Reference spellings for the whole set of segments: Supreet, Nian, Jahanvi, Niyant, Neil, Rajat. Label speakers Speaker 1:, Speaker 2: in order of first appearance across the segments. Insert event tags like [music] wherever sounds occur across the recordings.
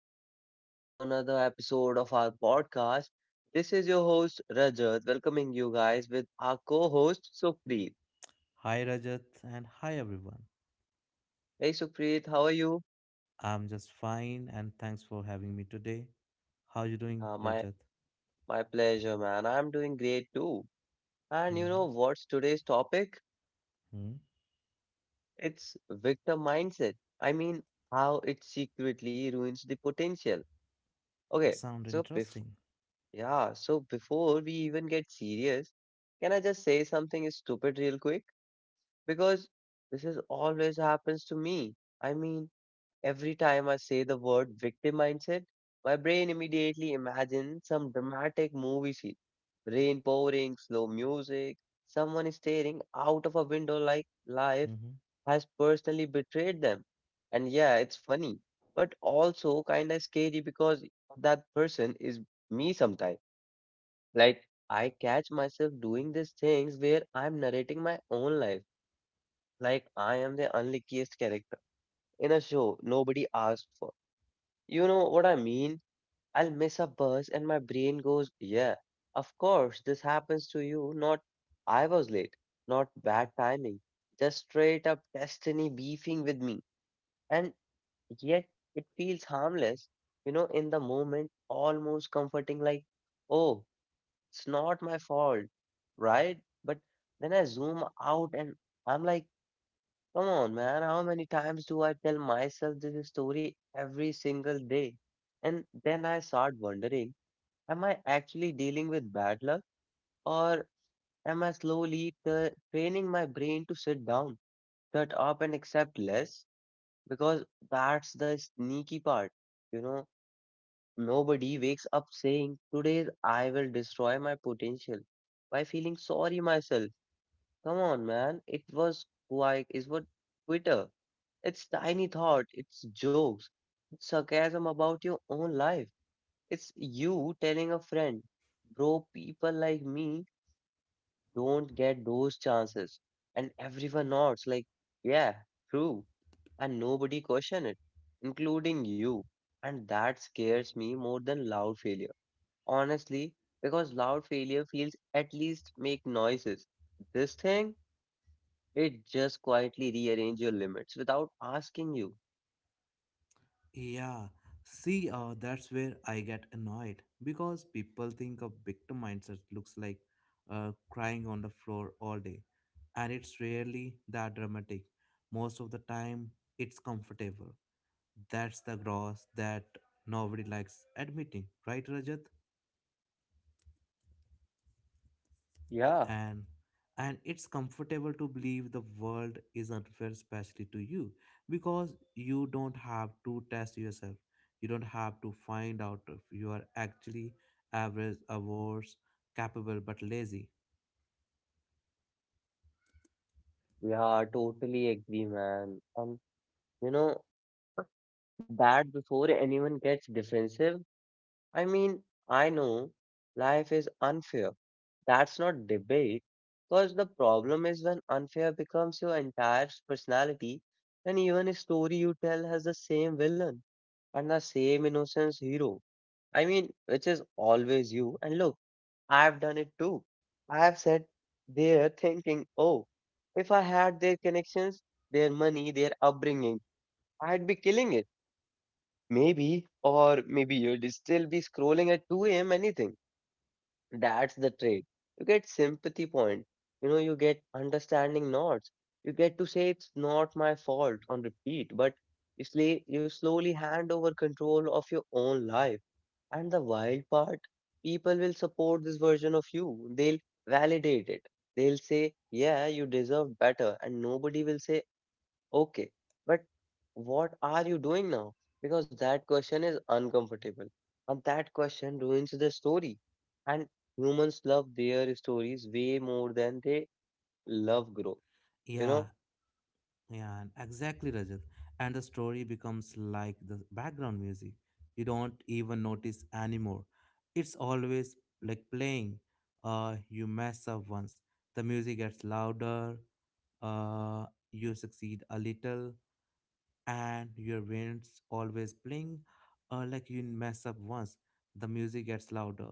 Speaker 1: Welcome back to another episode of our podcast. This is your host, Rajat, welcoming you guys with our co-host, Supreet.
Speaker 2: Hi Rajat and hi everyone.
Speaker 1: Hey, Supreet, how are you?
Speaker 2: I'm just fine and thanks for having me today. How you doing,
Speaker 1: Uh, my
Speaker 2: Rajat?
Speaker 1: my pleasure, man. I'm doing great too. And you
Speaker 2: Mm-hmm.
Speaker 1: know what's today's topic? It's victim mindset. I mean, how it secretly ruins the potential.
Speaker 2: It
Speaker 1: Okay,
Speaker 2: sounds
Speaker 1: so before
Speaker 2: interesting.
Speaker 1: yeah, so before we even get serious, can I just say something stupid real quick? Because this is always happens to me. I mean, every time I say the word victim mindset, my brain immediately imagines some dramatic movie scene. Rain pouring, slow music, someone is staring out of a window like life
Speaker 2: Mm-hmm.
Speaker 1: has personally betrayed them. And yeah, it's funny, but also kind of scary because that person is me sometimes. Like, I catch myself doing these things where I'm narrating my own life like I am the unluckiest character in a show nobody asked for. You know what I mean? I'll miss a bus and my brain goes, yeah, of course, this happens to you. Not I was late, not bad timing, just straight up destiny beefing with me. And yet it feels harmless, you know, in the moment, almost comforting, like, oh, it's not my fault, right? But then I zoom out and I'm like, come on, man. How many times do I tell myself this story every single day? And then I start wondering, am I actually dealing with bad luck or am I slowly training my brain to sit down, shut up, and accept less? Because that's the sneaky part. You know, nobody wakes up saying, today I will destroy my potential by feeling sorry myself. Come on, man. It was who I is what Twitter. It's tiny thought, it's jokes, it's sarcasm about your own life. It's you telling a friend, bro, people like me don't get those chances. And everyone nods, like, yeah, true. And nobody question it, including you. And that scares me more than loud failure. Honestly, because loud failure feels at least make noises. This thing, it just quietly rearrange your limits without asking you.
Speaker 2: Yeah, see, that's where I get annoyed because people think a victim mindset looks like crying on the floor all day, and it's rarely that dramatic. Most of the time, it's comfortable. That's the gross that nobody likes admitting, right, Rajat?
Speaker 1: Yeah.
Speaker 2: and and it's comfortable to believe the world is unfair, especially to you, because you don't have to test yourself. You don't have to find out if you are actually average awards, capable but lazy.
Speaker 1: Yeah, totally agree, man. You know, that before anyone gets defensive, I mean, I know life is unfair. That's not debate, because the problem is when unfair becomes your entire personality, and even a story you tell has the same villain and the same innocence hero. I mean, which is always you. And look, I've done it too. I've sat there thinking, oh, if I had their connections, their money, their upbringing, I'd be killing it. Maybe, or maybe you'd still be scrolling at 2 a.m. anything. That's the trade. You get sympathy point. You know, you get understanding nods. You get to say it's not my fault on repeat, but you, you slowly hand over control of your own life. And the wild part, people will support this version of you. They'll validate it. They'll say, yeah, you deserve better. And nobody will say, okay, but what are you doing now? Because that question is uncomfortable. And that question ruins the story. And humans love their stories way more than they love growth. You
Speaker 2: Yeah.
Speaker 1: know?
Speaker 2: Yeah, and exactly, Rajat. And the story becomes like the background music. You don't even notice anymore. It's always like playing. You mess up once. The music gets louder. Uh, you succeed a little, and your brain's always playing. Like you mess up once. The music gets louder,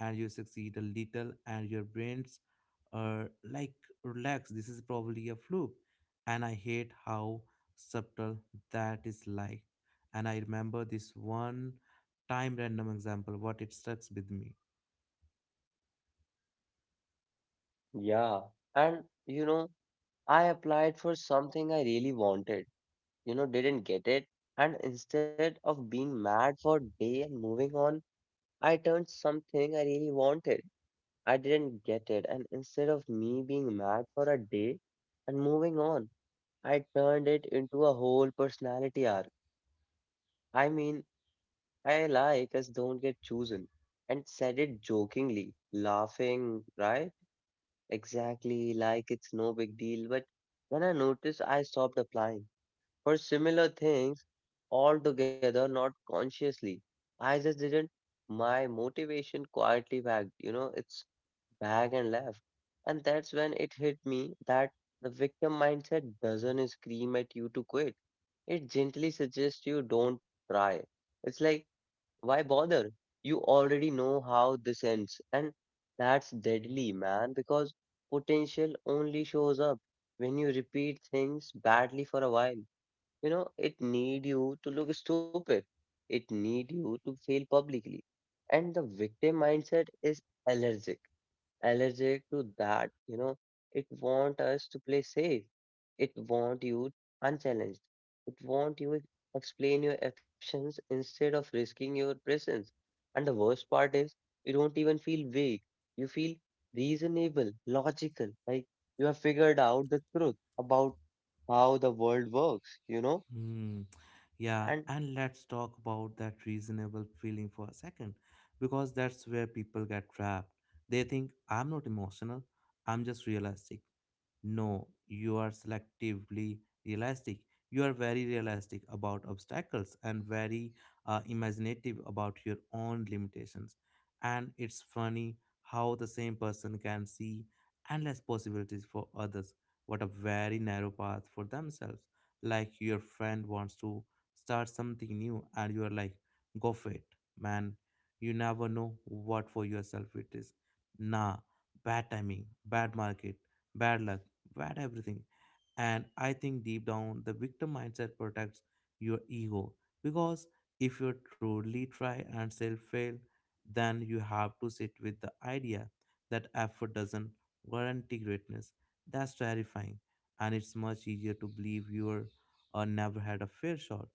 Speaker 2: and you succeed a little, and your brain's like, relax. This is probably a fluke, and I hate how subtle that is, like. And I remember this one time, random example, what it stuck with me.
Speaker 1: Yeah. And, you know, I applied for something I really wanted. You know, didn't get it. And instead of being mad for a day and moving on, I turned something I really wanted. I didn't get it. And instead of me being mad for a day and moving on, I turned it into a whole personality arc. I mean, I like us don't get chosen. And said it jokingly, laughing, right? Exactly like it's no big deal. But when I noticed, I stopped applying for similar things altogether, not consciously. I just didn't. My motivation quietly backed. You know, it's back and left. And that's when it hit me that the victim mindset doesn't scream at you to quit. It gently suggests you don't try. It's like, why bother? You already know how this ends. And that's deadly, man, because potential only shows up when you repeat things badly for a while. You know, it need you to look stupid. It need you to fail publicly. And the victim mindset is allergic, allergic to that. You know, it want us to play safe. It want you unchallenged. It want you to explain your actions instead of risking your presence. And the worst part is, you don't even feel weak. You feel reasonable, logical, like you have figured out the truth about how the world works, you know?
Speaker 2: Hmm. Yeah,
Speaker 1: And
Speaker 2: and let's talk about that reasonable feeling for a second, because that's where people get trapped. They think I'm not emotional, I'm just realistic. No, you are selectively realistic. You are very realistic about obstacles and very imaginative about your own limitations. And it's funny how the same person can see endless possibilities for others, but a very narrow path for themselves. Like, your friend wants to start something new, and you are like, go for it, man. You never know what for yourself it is. Nah, bad timing, bad market, bad luck, what everything. And I think deep down, the victim mindset protects your ego, because if you truly try and still fail, then you have to sit with the idea that effort doesn't guarantee greatness. That's terrifying, and it's much easier to believe you're never had a fair shot.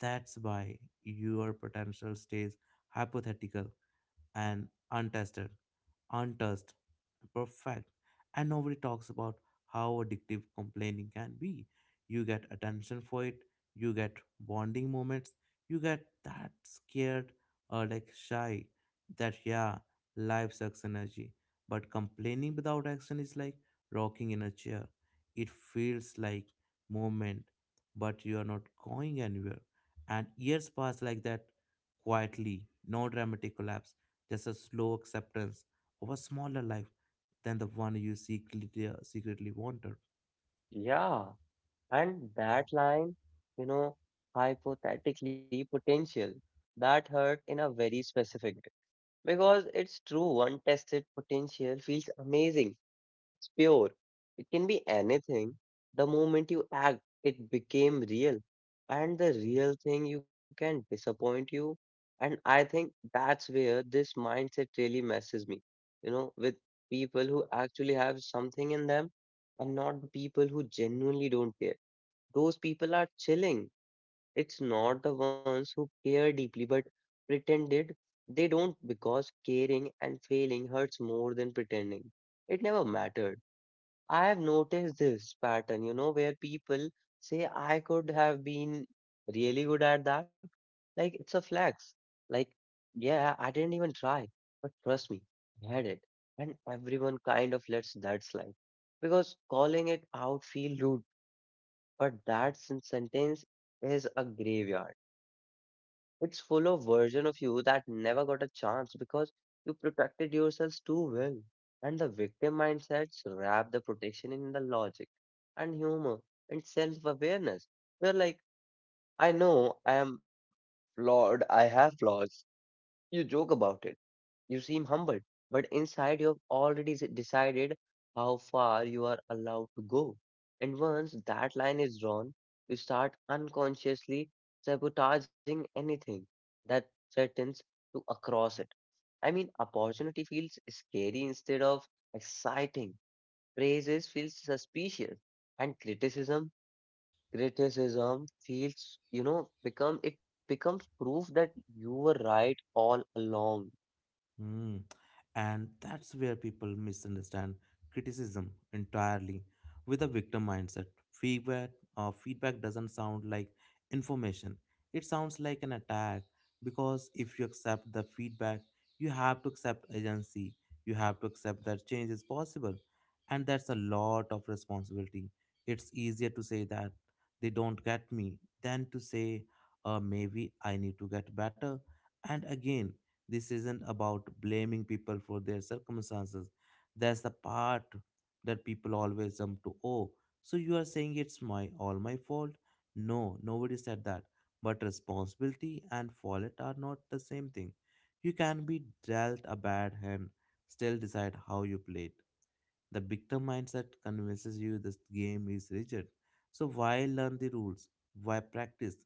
Speaker 2: That's why your potential stays hypothetical and untested, untouched, perfect. And nobody talks about how addictive complaining can be. You get attention for it, you get bonding moments, you get that scared or like shy that, yeah, life sucks energy. But complaining without action is like rocking in a chair. It feels like movement, but you are not going anywhere. And years pass like that quietly, no dramatic collapse, just a slow acceptance of a smaller life than the one you secretly, secretly wanted.
Speaker 1: yeah, and that line, you know, hypothetically potential, that hurt in a very specific way because it's true. Untested potential feels amazing. It's pure. It can be anything. The moment you act, it became real. And the real thing you can disappoint you. And I think that's where this mindset really messes me. You know, with people who actually have something in them and not the people who genuinely don't care. Those people are chilling. It's not the ones who care deeply but pretended they don't because caring and failing hurts more than pretending. It never mattered. I have noticed this pattern, you know, where people say, I could have been really good at that. Like, it's a flex. Like, yeah, I didn't even try, but trust me, I had it. And everyone kind of lets that slide because calling it out feel rude, but that sentence is a graveyard. It's full of version of you that never got a chance because you protected yourselves too well. And the victim mindsets wrap the protection in the logic and humor and self-awareness. You're like, I know I am flawed, I have flaws. You joke about it, you seem humbled, but inside you have already decided how far you are allowed to go. And once that line is drawn, you start unconsciously sabotaging anything that threatens to cross it. I mean, opportunity feels scary instead of exciting. Praises feels suspicious, and criticism feels, you know, become it becomes proof that you were right all along.
Speaker 2: Mm. And that's where people misunderstand criticism entirely with a victim mindset. Feedback doesn't sound like information. It sounds like an attack, because if you accept the feedback, you have to accept agency. You have to accept that change is possible. And that's a lot of responsibility. It's easier to say that they don't get me than to say, maybe I need to get better. And again, this isn't about blaming people for their circumstances. That's the part that people always jump to. Oh, so you are saying it's my all my fault? No, nobody said that. But responsibility and fault are not the same thing. You can be dealt a bad hand, still decide how you play it. The victim mindset convinces you this game is rigid. So why learn the rules? Why practice?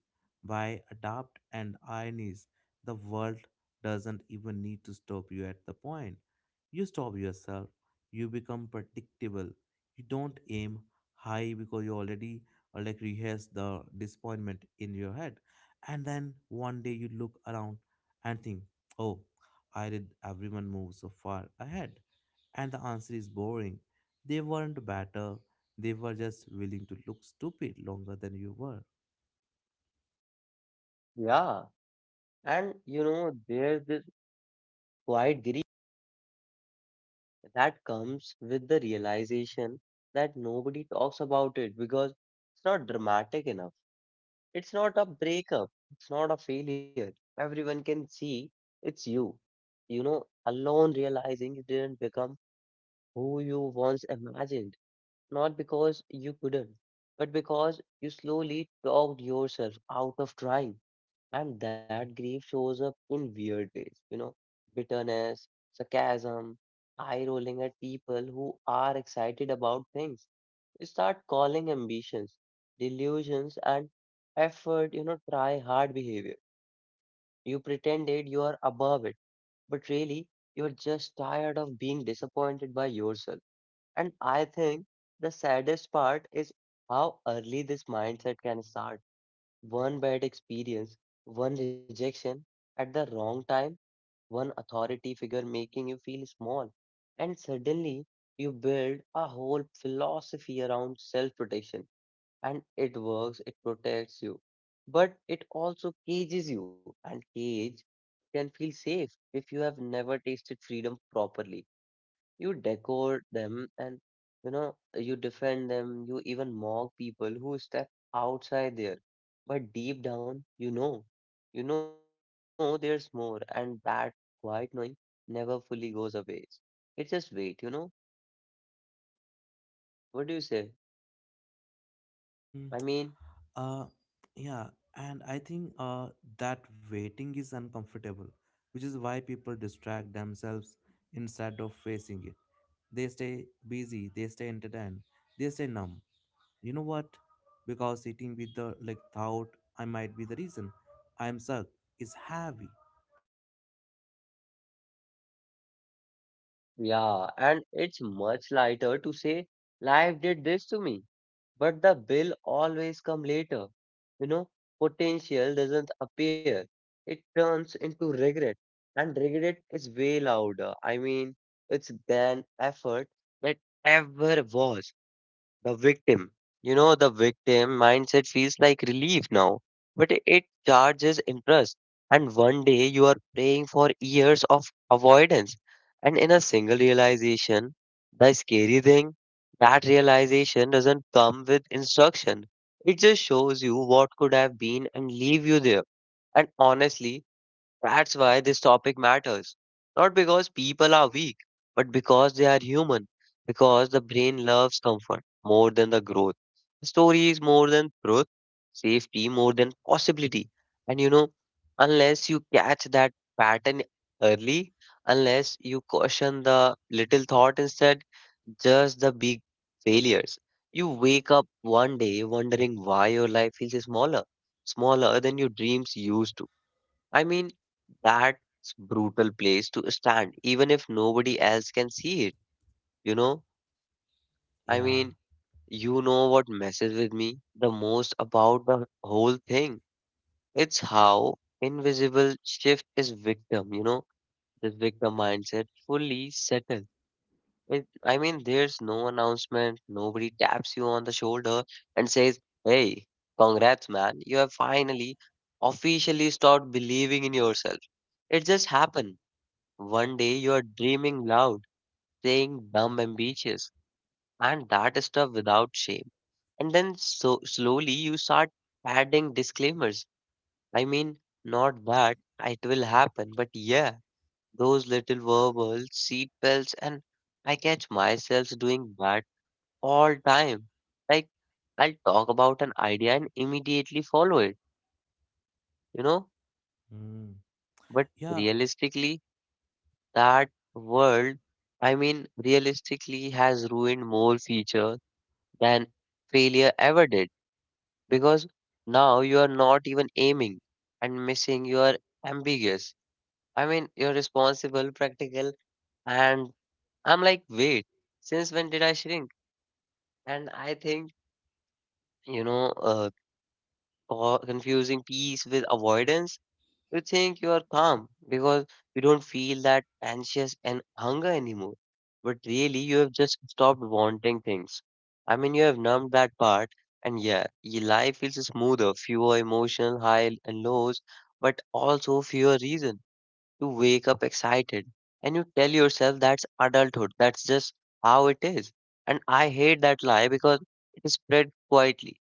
Speaker 2: Why adapt? And irony is the world doesn't even need to stop you at the point. You stop yourself. You become predictable. You don't aim high because you already like, rehearse the disappointment in your head. And then one day you look around and think, oh, I did everyone move so far ahead. And the answer is boring. They weren't better, they were just willing to look stupid longer than you were.
Speaker 1: Yeah. And you know, there's this quiet grief that comes with the realization that nobody talks about it because it's not dramatic enough. It's not a breakup, it's not a failure. Everyone can see it's you. You know, alone realizing you didn't become who you once imagined, not because you couldn't, but because you slowly talked yourself out of trying. And that grief shows up in weird ways, you know, bitterness, sarcasm, eye rolling at people who are excited about things. You start calling ambitions, delusions, and effort, you know, try hard behavior. You pretended you are above it, but really you are just tired of being disappointed by yourself. And I think the saddest part is how early this mindset can start. One bad experience, one rejection at the wrong time, one authority figure making you feel small. And suddenly you build a whole philosophy around self protection. And it works, it protects you. But it also cages you. And cage can feel safe if you have never tasted freedom properly. You decode them and you know you defend them, you even mock people who step outside there. But deep down, you know there's more, and that quiet knowing never fully goes away. It just wait, you know? What do you say? I
Speaker 2: Mm.
Speaker 1: mean,
Speaker 2: Uh, yeah, and I think that waiting is uncomfortable, which is why people distract themselves instead of facing it. They stay busy, they stay entertained, they stay numb. You know what? Because sitting with the, like, thought, I might be the reason I'm stuck, is heavy.
Speaker 1: yeah, and it's much lighter to say life did this to me but the bill always come later. You know, potential doesn't appear. It turns into regret. And regret is way louder. I mean, it's than effort that ever was. The victim, the victim mindset feels like relief now, but it charges interest. And one day you are praying for years of avoidance. And in a single realization, the scary thing, that realization doesn't come with instruction. It just shows you what could have been and leave you there. And honestly, that's why this topic matters. Not because people are weak, but because they are human. Because the brain loves comfort more than the growth. Stories more than truth. Safety more than possibility. And you know, unless you catch that pattern early, unless you caution the little thought instead, just the big failures. You wake up one day wondering why your life feels smaller, smaller than your dreams used to. I mean, that's brutal place to stand, even if nobody else can see it, you know? I
Speaker 2: Yeah.
Speaker 1: mean, you know what messes with me the most about the whole thing? It's how invisible shift is victim, you know? This victim mindset fully settled. There's no announcement, nobody taps you on the shoulder and says, hey, congrats, man, you have finally officially stopped believing in yourself. It just happened. One day you are dreaming loud, saying dumb ambitious, and that stuff without shame. And then so slowly you start adding disclaimers. I mean, not that it will happen, but yeah, those little verbal seat belts, and I catch myself doing that all time. Like I'll talk about an idea and immediately follow it, you know.
Speaker 2: Mm.
Speaker 1: But
Speaker 2: Yeah.
Speaker 1: realistically, that world, I mean, realistically has ruined more feature than failure ever did because now you are not even aiming and missing, you are ambiguous. I mean, you're responsible, practical, and I'm like, wait, since when did I shrink? And I think, you know, uh, confusing peace with avoidance. You think you are calm because you don't feel that anxious and hunger anymore. But really, you have just stopped wanting things. I mean, you have numbed that part, and yeah, your life feels smoother, fewer emotional high and lows, but also fewer reason to wake up excited. And you tell yourself that's adulthood, that's just how it is. And I hate that lie because it is spread quietly.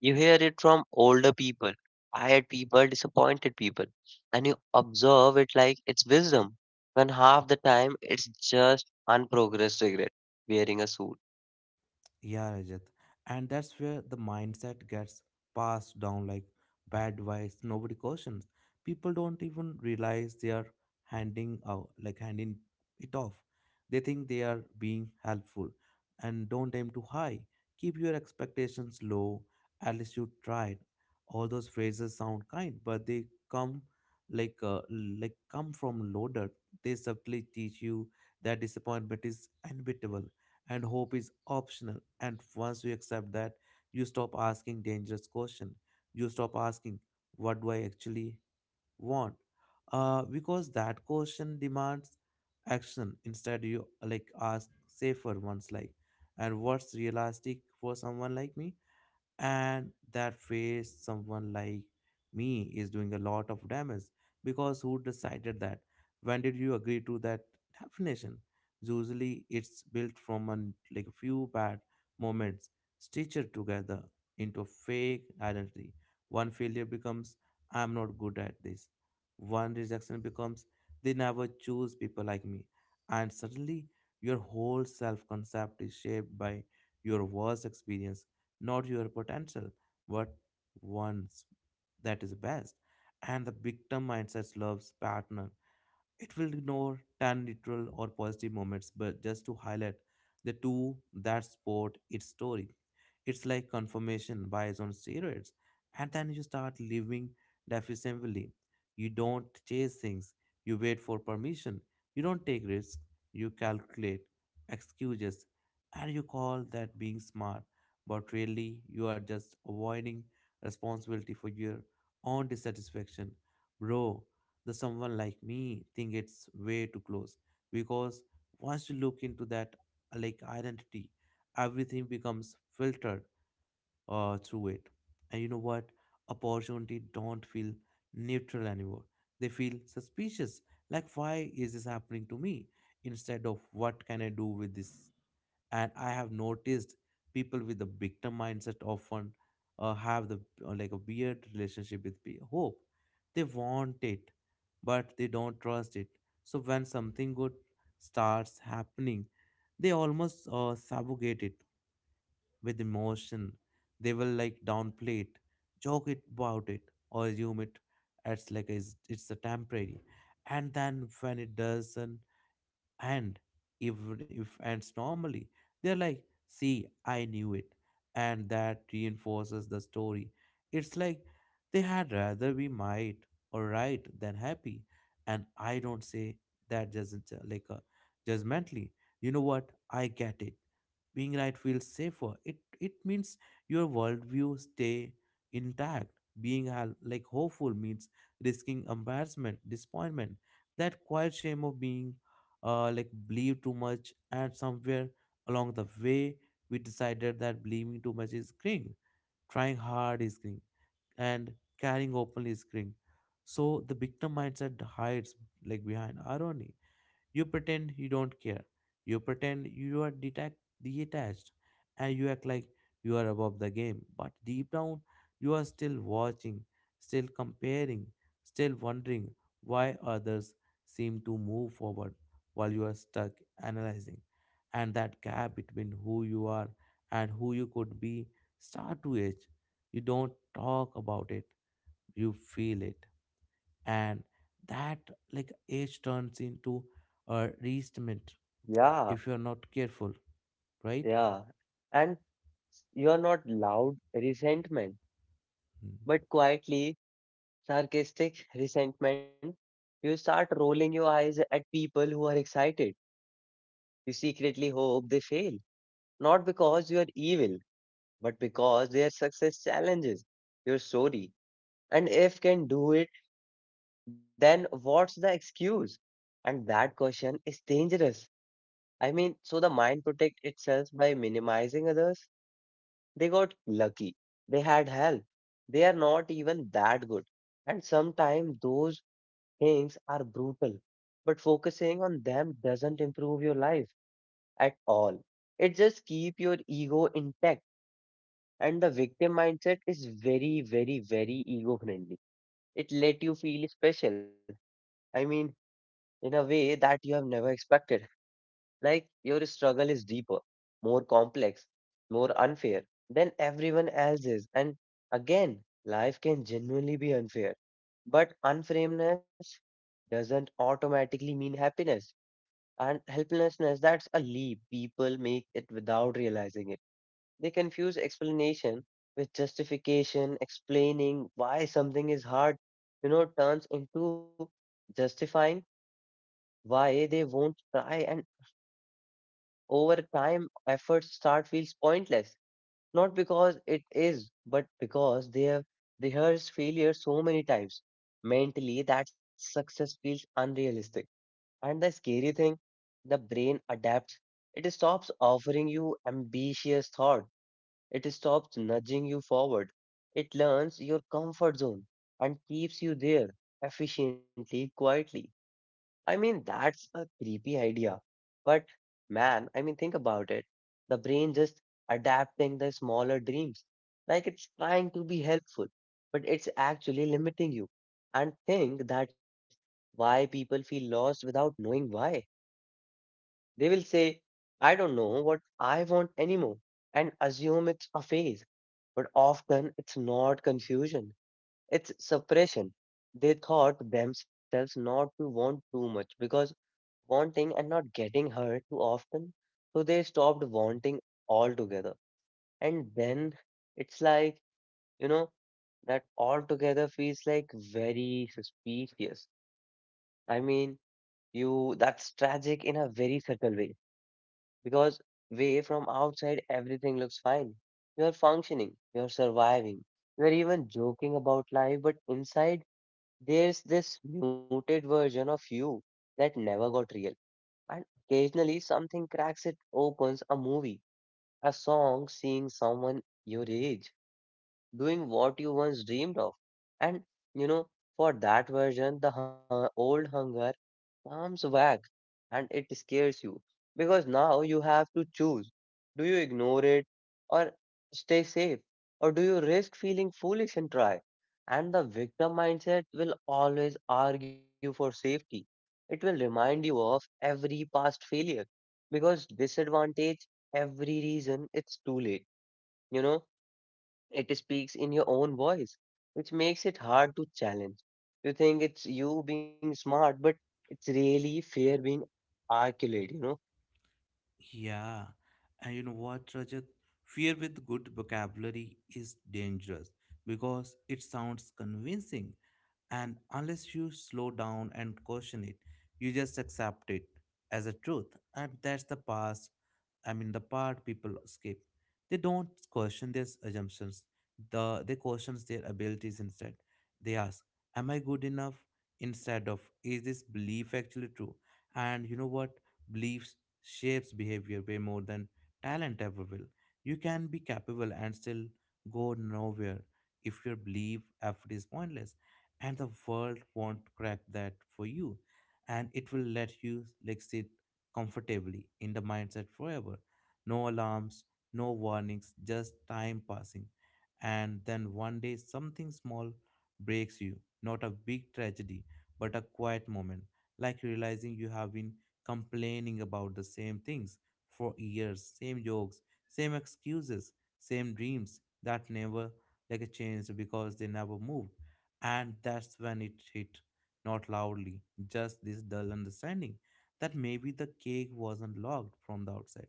Speaker 1: You hear it from older people, tired people, disappointed people, and you observe it like it's wisdom, when half the time it's just unprogressed regret wearing a suit.
Speaker 2: Yeah, Rajat. And that's where the mindset gets passed down like bad advice. Nobody questions. People don't even realize they are handing out, like handing it off. They think they are being helpful and don't aim too high. Keep your expectations low. At least you tried. All those phrases sound kind, but they come like come from loaded. They subtly teach you that disappointment is inevitable and hope is optional. And once you accept that, you stop asking dangerous question. You stop asking, what do I actually want? Because that question demands action. Instead you, like, ask safer ones, like, and what's realistic for someone like me? And that phase someone like me is doing a lot of damage, because who decided that? When did you agree to that definition? Usually it's built from like a few bad moments stitched together into a fake identity. One failure becomes I'm not good at this. One rejection becomes they never choose people like me. And suddenly your whole self concept is shaped by your worst experience, not your potential, but one's that is best. And the victim mindset loves partner. It will ignore tan neutral or positive moments, but just to highlight the two that support its story. It's like confirmation bias on steroids, and then you start living deficiently. You don't chase things, you wait for permission, you don't take risks, you calculate excuses, and you call that being smart, but really you are just avoiding responsibility for your own dissatisfaction. Bro, the someone like me think it's way too close, because once you look into that like identity, everything becomes filtered through it. And you know what? Opportunity don't feel neutral anymore. They feel suspicious, like, why is this happening to me, instead of, what can I do with this? And I have noticed people with the victim mindset often have the like a weird relationship with hope. They want it, but they don't trust it. So when something good starts happening, they almost subjugate it with emotion. They will, like, downplay it, joke it about it, or assume it as like it's a temporary. And then when it doesn't, and even if ants normally, they're like, see, I knew it. And that reinforces the story. It's like they had rather be might or right than happy. And I don't say that doesn't judgmentally. You know what? I get it. Being right feels safer. It means your worldview stay intact. Being like hopeful means risking embarrassment, disappointment, that quiet shame of being like believe too much. And somewhere along the way we decided that believing too much is cring, trying hard is cring, and carrying openly is cring. So the victim mindset hides like behind irony. You pretend you don't care. You pretend you are detached, and you act like you are above the game. But deep down, you are still watching, still comparing, still wondering why others seem to move forward while you are stuck analyzing. And that gap between who you are and who you could be start to age. You don't talk about it, you feel it, and that like age turns into a resentment
Speaker 1: Yeah,
Speaker 2: if you are not careful, right?
Speaker 1: yeah. And you're not loud resentment,
Speaker 2: Hmm.
Speaker 1: but quietly sarcastic resentment. You start rolling your eyes at people who are excited. You secretly hope they fail, not because you are evil, but because their success challenges your story. And if can do it, then what's the excuse? And that question is dangerous. I mean, so the mind protect itself by minimizing others. They got lucky. They had help. They are not even that good. And sometimes those things are brutal. But focusing on them doesn't improve your life at all. It just keep your ego intact. And the victim mindset is very, very, very ego friendly. It let you feel special. I mean, in a way that you have never expected. Like your struggle is deeper, more complex, more unfair than everyone else's. And again, life can genuinely be unfair. But unframeness doesn't automatically mean happiness. And helplessness, that's a leap. People make it without realizing it. They confuse explanation with justification, explaining why something is hard, turns into justifying why they won't try. And over time, effort start feels pointless, not because it is, but because they have rehearsed failure so many times mentally that success feels unrealistic. And the scary thing, the brain adapts. It stops offering you ambitious thought. It stops nudging you forward. It learns your comfort zone and keeps you there efficiently, quietly. I mean, that's a creepy idea. But man, I mean, think about it. The brain just adapting the smaller dreams. Like it's trying to be helpful, but it's actually limiting you. And think that's why people feel lost without knowing why. They will say, I don't know what I want anymore, and assume it's a phase. But often it's not confusion, it's suppression. They thought themselves not to want too much because wanting and not getting her too often. So they stopped wanting altogether. And then it's like, you know, that altogether feels like very suspicious. I mean, you, that's tragic in a very subtle way because way from outside everything looks fine. You're functioning, you're surviving, you're even joking about life, but inside there's this muted version of you that never got real. And occasionally something cracks it opens a movie, a song, seeing someone your age doing what you once dreamed of. And you know, for that version, the old hunger comes back and it scares you because now you have to choose. Do you ignore it or stay safe? Or do you risk feeling foolish and try? And the victim mindset will always argue for safety. It will remind you of every past failure because disadvantage every reason it's too late you know it speaks in your own voice, which makes it hard to challenge. You think it's you being smart, but it's really fear being articulate, you know?
Speaker 2: Yeah, and you know what, Rajat? Fear with good vocabulary is dangerous because it sounds convincing, and unless you slow down and caution it, you just accept it as a truth, and that's the past. I mean, the part people skip. They don't question their assumptions. They question their abilities instead. They ask, "Am I good enough?" Instead of, "Is this belief actually true?" And you know what? Beliefs shapes behavior way more than talent ever will. You can be capable and still go nowhere if your belief effort is pointless, and the world won't crack that for you, and it will let you, like, sit comfortably in the mindset forever. No alarms, no warnings, just time passing, and then one day something small breaks you. Not a big tragedy, but a quiet moment, like realizing you have been complaining about the same things for years, same jokes, same excuses, same dreams that never like a changed because they never moved. And that's when it hit, not loudly, just this dull understanding that maybe the cake wasn't locked from the outside.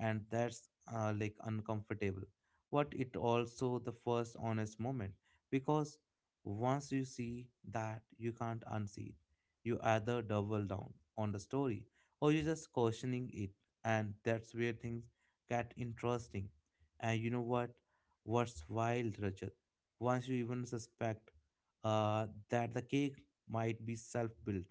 Speaker 2: And that's like uncomfortable. But it also the first honest moment because once you see that you can't unsee it. You either double down on the story or you're just questioning it. And that's where things get interesting. And you know what? What's wild, Rajat? Once you even suspect that the cake might be self built,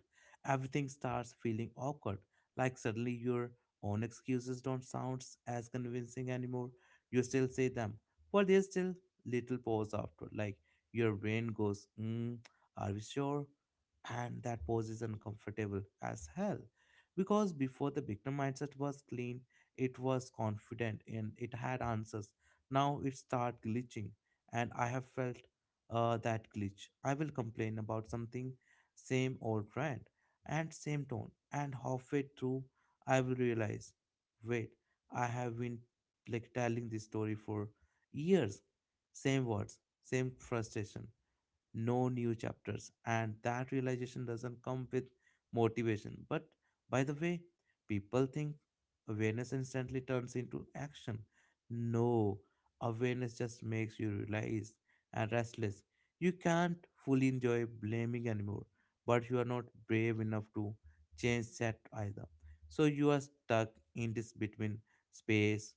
Speaker 2: everything starts feeling awkward. Like, suddenly your own excuses don't sound as convincing anymore. You still say them, but there's still little pause after. Like your brain goes, are we sure? And that pose is uncomfortable as hell. Because before, the victim mindset was clean, it was confident and it had answers. Now it start glitching, and I have felt that glitch. I will complain about something, same old trend and same tone, and halfway through, I will realize, wait, I have been like telling this story for years, same words, same frustration, no new chapters. And that realization doesn't come with motivation. But by the way, people think awareness instantly turns into action. No, awareness just makes you realized and restless. You can't fully enjoy blaming anymore, but you are not brave enough to change that either. So you are stuck in this between space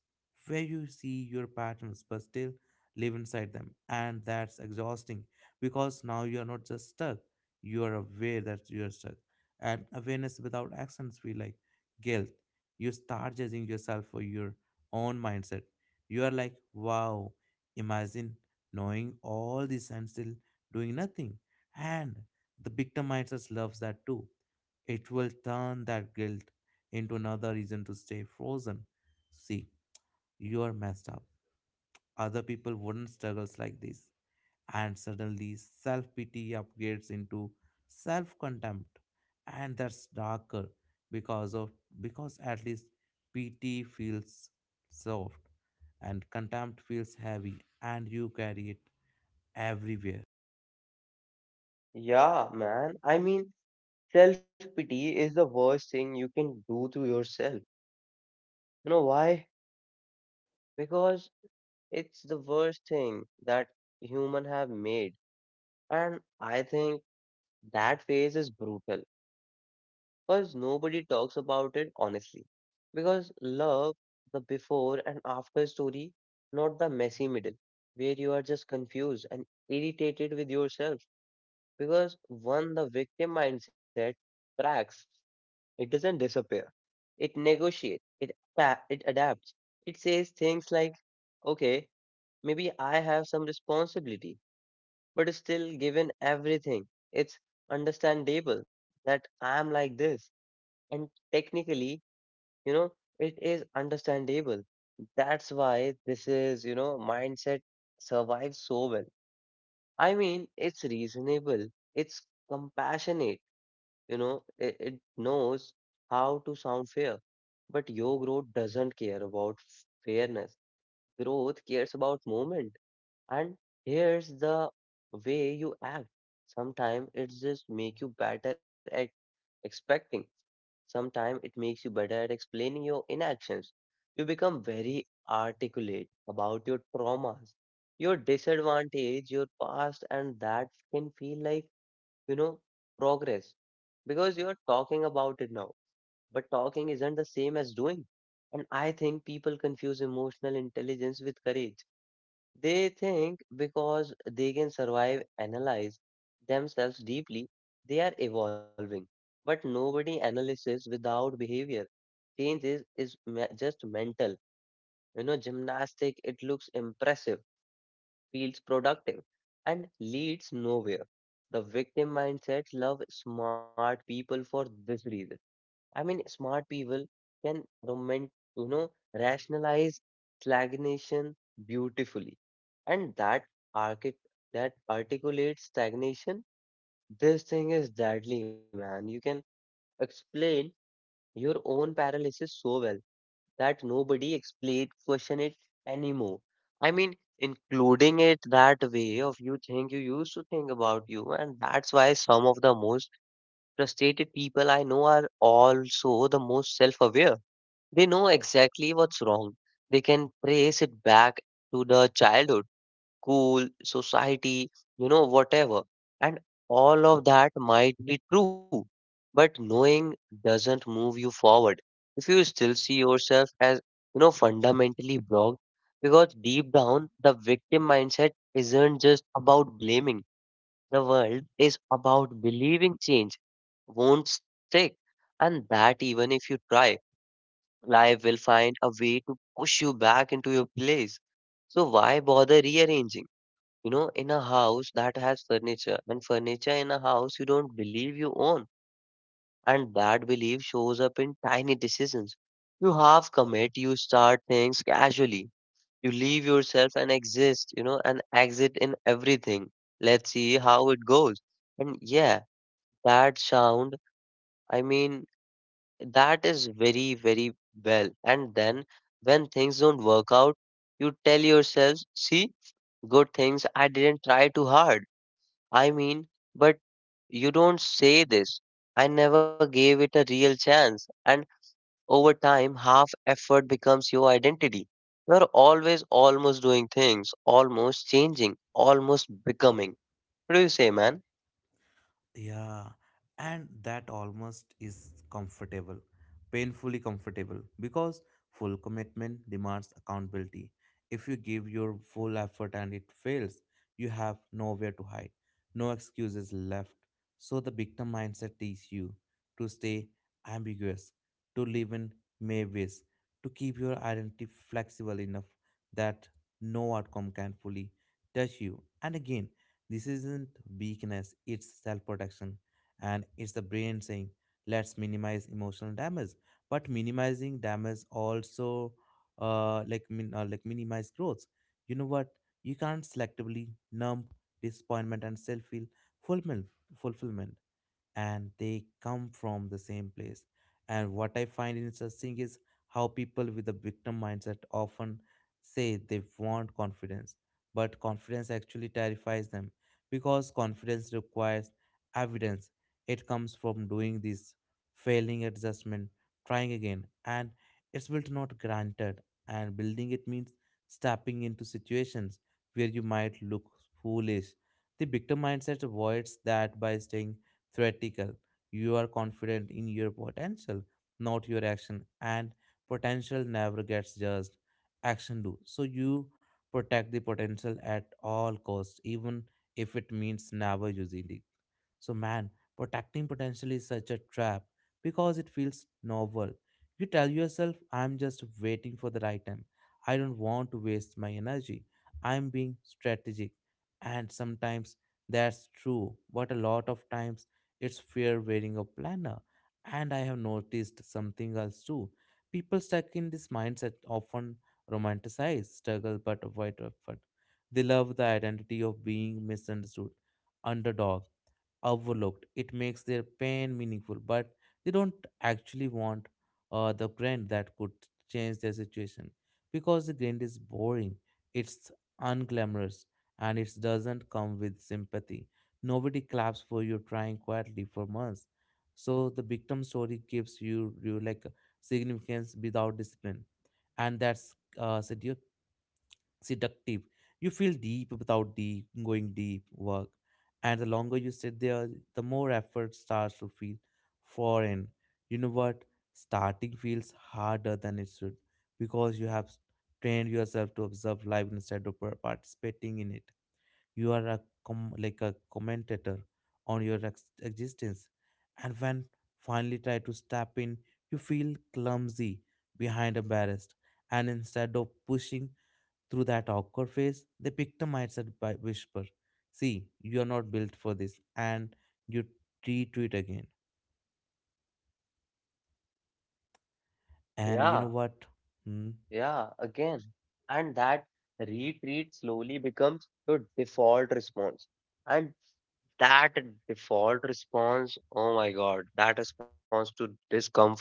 Speaker 2: where you see your patterns but still live inside them, and that's exhausting because now you are not just stuck, you are aware that you are stuck, and awareness without actions feel like guilt. You start judging yourself for your own mindset. You are like, wow, imagine knowing all this and still doing nothing. And the victim mindset loves that too. It will turn that guilt into another reason to stay frozen. See, you are messed up, other people wouldn't struggles like this. And suddenly self pity upgrades into self contempt, and that's darker because of because at least pity feels soft, and contempt feels heavy and you carry it everywhere.
Speaker 1: Yeah, man. I mean, self-pity is the worst thing you can do to yourself. You know why? Because it's the worst thing that human have made. And I think that phase is brutal because nobody talks about it honestly. Because love, the before and after story, not the messy middle, where you are just confused and irritated with yourself. Because one, the victim mindset cracks, it doesn't disappear, it negotiates, it adapts. It says things like, okay, maybe I have some responsibility, but still, given everything, it's understandable that I am like this. And technically, you know, it is understandable. That's why this is, you know, mindset survives so well. I mean, it's reasonable, it's compassionate, you know, it knows how to sound fair. But your growth doesn't care about fairness. Growth cares about moment. And here's the way you act. Sometimes it just make you better at expecting. Sometimes it makes you better at explaining your inactions. You become very articulate about your traumas, your disadvantage, your past, and that can feel like, you know, progress because you're talking about it now. But talking isn't the same as doing. And I think people confuse emotional intelligence with courage. They think because they can survive, analyze themselves deeply, they are evolving. But nobody analysis without behavior. Change is just mental. You know, gymnastic, it looks impressive, feels productive, and leads nowhere. The victim mindset love smart people for this reason. I mean, smart people can rationalize stagnation beautifully. And archi- that articulates stagnation, this thing is deadly, man. You can explain your own paralysis so well that nobody explain question it anymore. I mean, including it that way of you think you used to think about you, and that's why some of the most frustrated people I know are also the most self-aware. They know exactly what's wrong. They can trace it back to the childhood school, society, you know, whatever. And all of that might be true, but knowing doesn't move you forward. If you still see yourself as, you know, fundamentally blocked, because deep down, the victim mindset isn't just about blaming the world, is about believing change won't stick. And that even if you try, life will find a way to push you back into your place. So why bother rearranging, you know, in a house that has furniture and furniture in a house you don't believe you own? And that belief shows up in tiny decisions. You half commit, you start things casually, you leave yourself and exist, and exit in everything. Let's see how it goes. And yeah, that sound, I mean, that is very, very well. And then when things don't work out you tell yourselves, see, good things I didn't try too hard. I mean, but you don't say this. I never gave it a real chance. And over time, half effort becomes your identity. You're always almost doing things, almost changing, almost becoming. What do you say, man?
Speaker 2: Yeah, and that almost is comfortable, painfully comfortable, because full commitment demands accountability. If you give your full effort and it fails, you have nowhere to hide, no excuses left. So the victim mindset teaches you to stay ambiguous, to live in maybes, to keep your identity flexible enough that no outcome can fully touch you. And again, this isn't weakness, it's self protection. And it's the brain saying, let's minimize emotional damage. But minimizing damage also minimize growth. You know what? You can't selectively numb disappointment and still feel fulfillment. fulfillment and they come from the same place. And what I find interesting is how people with a victim mindset often say they want confidence, but confidence actually terrifies them because confidence requires evidence. It comes from doing this, failing adjustment, trying again, and it's built, not granted. And building it means stepping into situations where you might look foolish. The victim mindset avoids that by staying theoretical. You are confident in your potential, not your action, and potential never gets judged. Action do. So you protect the potential at all costs, even if it means never using it. So, man, protecting potential is such a trap because it feels novel. You tell yourself, I'm just waiting for the right time. I don't want to waste my energy. I'm being strategic. And sometimes that's true, but a lot of times it's fear wearing a planner. And I have noticed something else too. People stuck in this mindset often romanticize struggle but avoid effort. They love the identity of being misunderstood, underdog, overlooked. It makes their pain meaningful, but they don't actually want the grind that could change their situation, because the grind is boring, it's unglamorous, and it doesn't come with sympathy. Nobody claps for you trying quietly for months. So the victim story gives you, you like, significance without discipline, and that's seductive. seductive. You feel deep without deep going deep work. And the longer you sit there, the more effort starts to feel foreign. You know what? Starting feels harder than it should because you have trained yourself to observe life instead of participating in it. You are a commentator on your existence. And when finally try to step in, you feel clumsy, behind, embarrassed, and instead of pushing through that awkward phase, they victimized her by whisper, see, you are not built for this, and you retreat again. And you know
Speaker 1: Yeah,
Speaker 2: what?
Speaker 1: yeah, again. And that retreat slowly becomes your default response. And that default response, oh my God, that response to discomfort.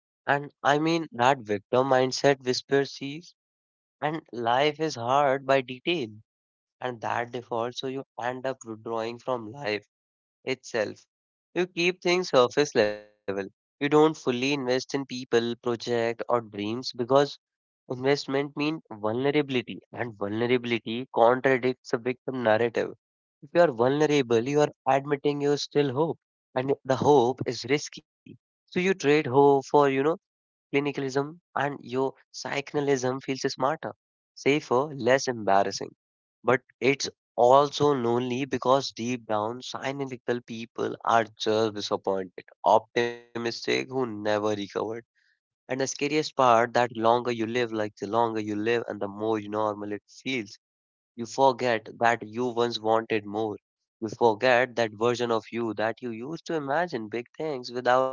Speaker 1: And I mean, that victim mindset whispers sees, and life is hard by detail. And that default, so you end up withdrawing from life itself. You keep things surface level. You don't fully invest in people, project, or dreams because investment means vulnerability, and vulnerability contradicts the victim narrative. If you are vulnerable, you are admitting you still hope, and the hope is risky. So you trade hope for, you know, clinicalism, and your psychonalism feels smarter, safer, less embarrassing. But it's also lonely because deep down, cynical people are just disappointed, optimistic who never recovered. And the scariest part that longer you live, like the longer you live and the more you normal it feels, you forget that you once wanted more. You forget that version of you that you used to imagine big things without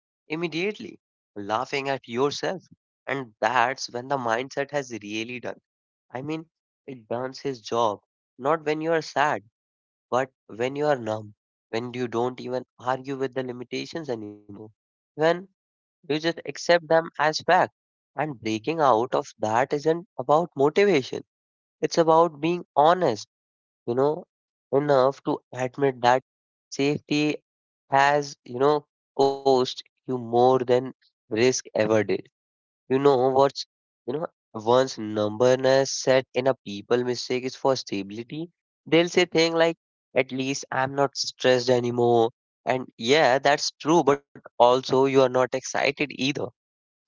Speaker 1: immediately laughing at yourself. And that's when the mindset has really done. I mean, it does his job, not when you are sad, but when you are numb, when you don't even argue with the limitations anymore, when you just accept them as fact. And breaking out of that isn't about motivation, it's about being honest, you know, enough to admit that safety has, you know, cost you more than risk ever did. You know you know, once numberness set in a people mistake is for stability, they'll say things like, at least I'm not stressed anymore. And yeah, that's true, but also you are not excited either.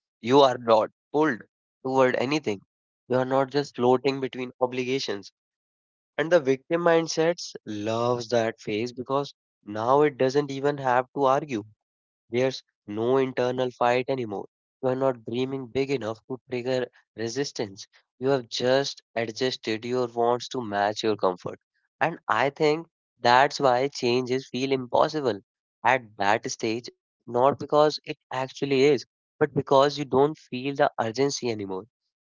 Speaker 1: You are not pulled toward anything. You are not just floating between obligations and the victim mindsets loves that phase because now it doesn't even have to argue. There's no internal fight anymore. You are not dreaming big enough to trigger resistance. You have just adjusted your wants to match your comfort. And I think that's why changes feel impossible at that stage, not because it actually is, but because you don't feel the urgency anymore.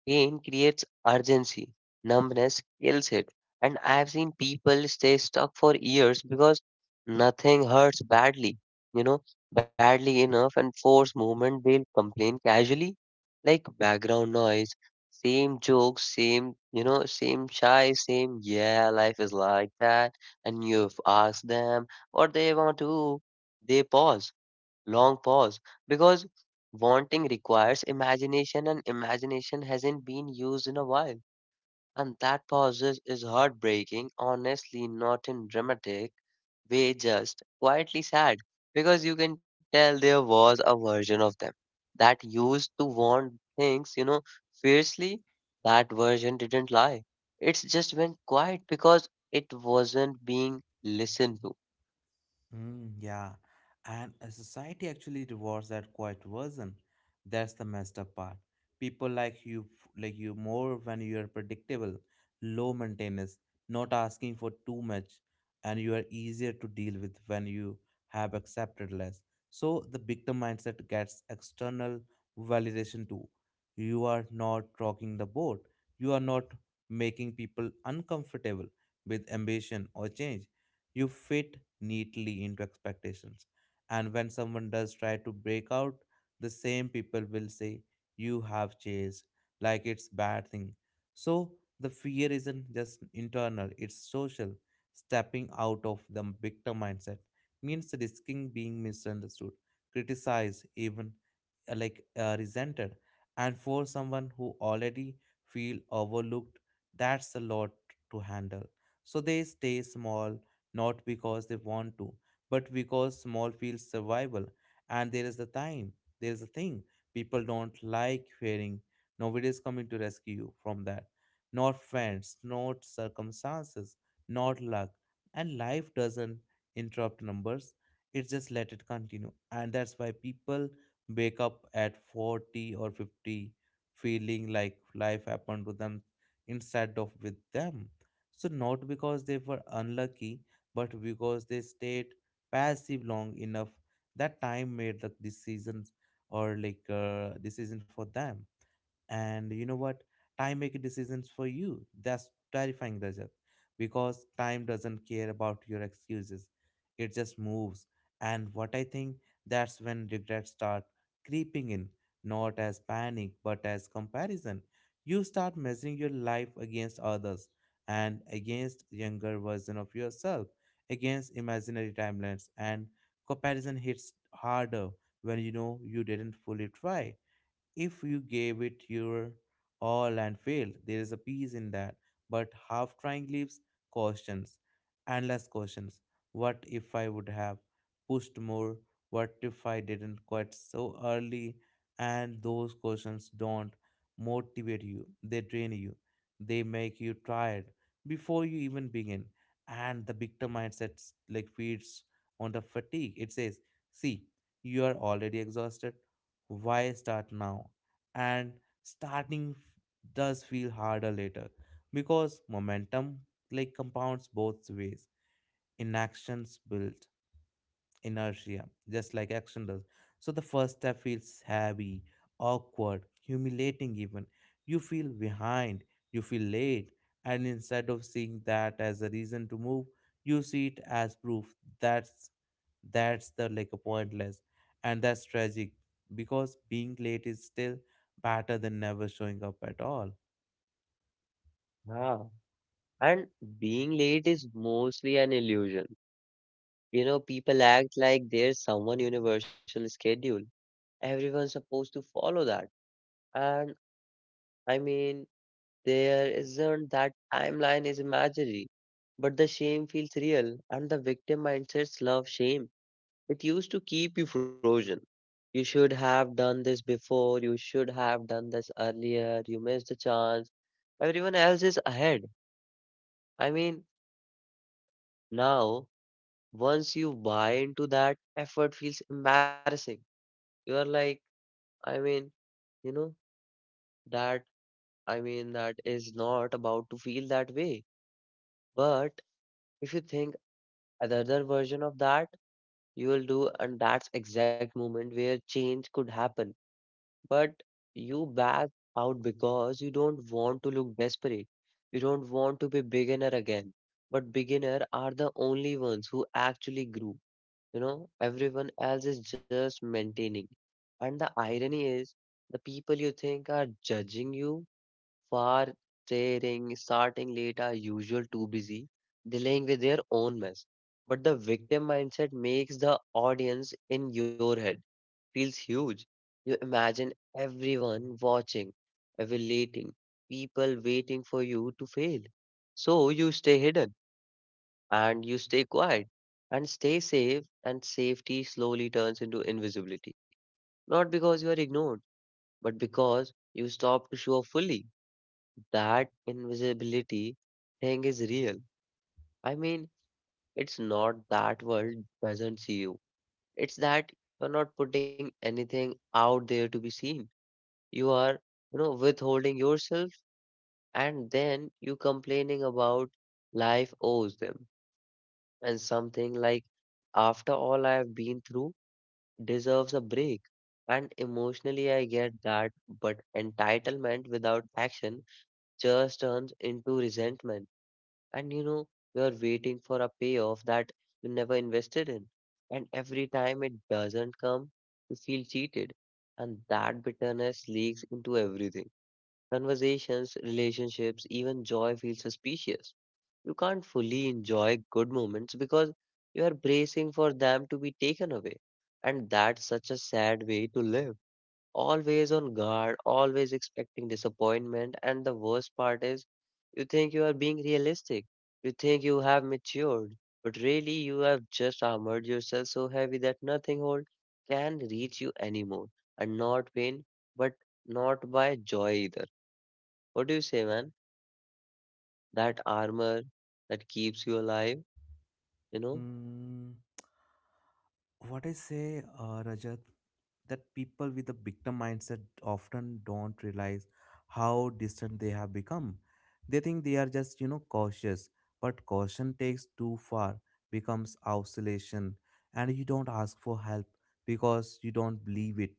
Speaker 1: Pain creates urgency, numbness kills it, and I've seen people stay stuck for years because nothing hurts badly, you know, badly enough, and force movement they'll complain casually, like background noise, same jokes, same shy, same, yeah, life is like that, and you've asked them what they want to, they pause, long pause, because wanting requires imagination, and imagination hasn't been used in a while. And that pauses is heartbreaking, honestly, not in dramatic way, just quietly sad. Because you can tell there was a version of them that used to want things, fiercely. That version didn't lie. It's just went quiet because it wasn't being listened to.
Speaker 2: Yeah, and society actually rewards that quiet version. That's the messed up part. People like you, like you more when you are predictable, low maintenance, not asking for too much, and you are easier to deal with when you have accepted less. So the victim mindset gets external validation too. You are not rocking the boat. You are not making people uncomfortable with ambition or change. You fit neatly into expectations. And when someone does try to break out, the same people will say, you have chased, like it's bad thing. So the fear isn't just internal, it's social. Stepping out of the victim mindset means risking being misunderstood, criticized, even resented. And for someone who already feel overlooked, that's a lot to handle. So they stay small, not because they want to, but because small feels survival. And there is the time, there is a thing people don't like hearing. Nobody is coming to rescue you from that. Not friends, not circumstances, not luck. And life doesn't interrupt numbers, it just let it continue. And that's why people wake up at 40 or 50 feeling like life happened to them instead of with them. So, not because they were unlucky, but because they stayed passive long enough that time made the decisions, or like decision for them. And you know what, time make decisions for you. That's terrifying, Rajat, because time doesn't care about your excuses, it just moves. And what I think, that's when regrets start creeping in, not as panic but as comparison. You start measuring your life against others, and against younger version of yourself, against imaginary timelines. And comparison hits harder when you know you didn't fully try. If you gave it your all and failed, there is a peace in that. But half trying leaves questions, endless questions. What if I would have pushed more? What if I didn't quit so early? And those questions don't motivate you, they drain you, they make you tired before you even begin. And the victim mindset like feeds on the fatigue. It says, see, you are already exhausted, why start now? And starting f- does feel harder later because momentum like compounds both ways. Inactions build inertia, just like action does. So the first step feels heavy, awkward, humiliating, even. You feel behind, you feel late, and instead of seeing that as a reason to move, you see it as proof that's the like a pointless. And that's tragic, because being late is still better than never showing up at all.
Speaker 1: Yeah. And being late is mostly an illusion. People act like there's someone universal schedule. Everyone's supposed to follow that. And I mean, there isn't that timeline is imaginary. But the shame feels real, and the victim mindsets love shame. It used to keep you frozen. You should have done this before, you should have done this earlier, you missed the chance. Everyone else is ahead. I mean, now, once you buy into that, effort feels embarrassing. You are like, I mean, you know, that that is not about to feel that way. But if you think another version of that, you will do, and that's exact moment where change could happen. But you back out because you don't want to look desperate. You don't want to be beginner again. But beginner are the only ones who actually grew. Everyone else is just maintaining. And the irony is, the people you think are judging you far faring, starting late are usual too busy, dealing with their own mess. But the victim mindset makes the audience in your head feels huge. You imagine everyone watching, evaluating, people waiting for you to fail. So you stay hidden and you stay quiet and stay safe and safety slowly turns into invisibility. Not because you are ignored, but because you stop to show up fully that invisibility thing is real. I mean, it's not that world doesn't see you. It's that you're not putting anything out there to be seen. You are withholding yourself and then you complaining about life owes them. And something like, after all I have been through, deserves a break. And emotionally, I get that, but entitlement without action just turns into resentment and you're waiting for a payoff that you never invested in and every time it doesn't come you feel cheated and that bitterness leaks into everything conversations relationships even joy feels suspicious. You can't fully enjoy good moments because you are bracing for them to be taken away and that's such a sad way to live, always on guard, always expecting disappointment. And the worst part is, you think you are being realistic. You think you have matured, but really you have just armored yourself so heavy that nothing hold can reach you anymore. And not pain, but not by joy either. What do you say, man? That armor that keeps you alive, you know?
Speaker 2: Hmm. What I say, Rajat, that people with a victim mindset often don't realize how distant they have become. They think they are just, you know, cautious, but caution takes too far, becomes isolation. And you don't ask for help because you don't believe it,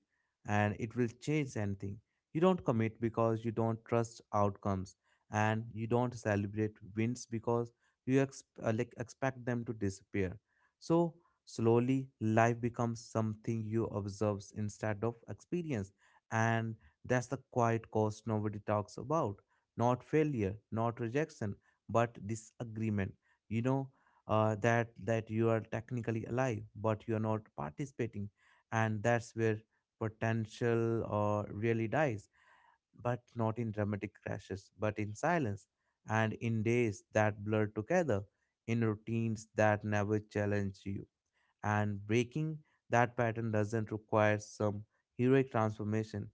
Speaker 2: and it will change anything. You don't commit because you don't trust outcomes, and you don't celebrate wins because you expect them to disappear. So slowly life becomes something you observe instead of experience. And that's the quiet cost nobody talks about, not failure, not rejection, but disagreement. You know, that you are technically alive but you are not participating. And that's where potential really dies, but not in dramatic crashes, but in silence, and in days that blur together, in routines that never challenge you. And breaking that pattern doesn't require some heroic transformation.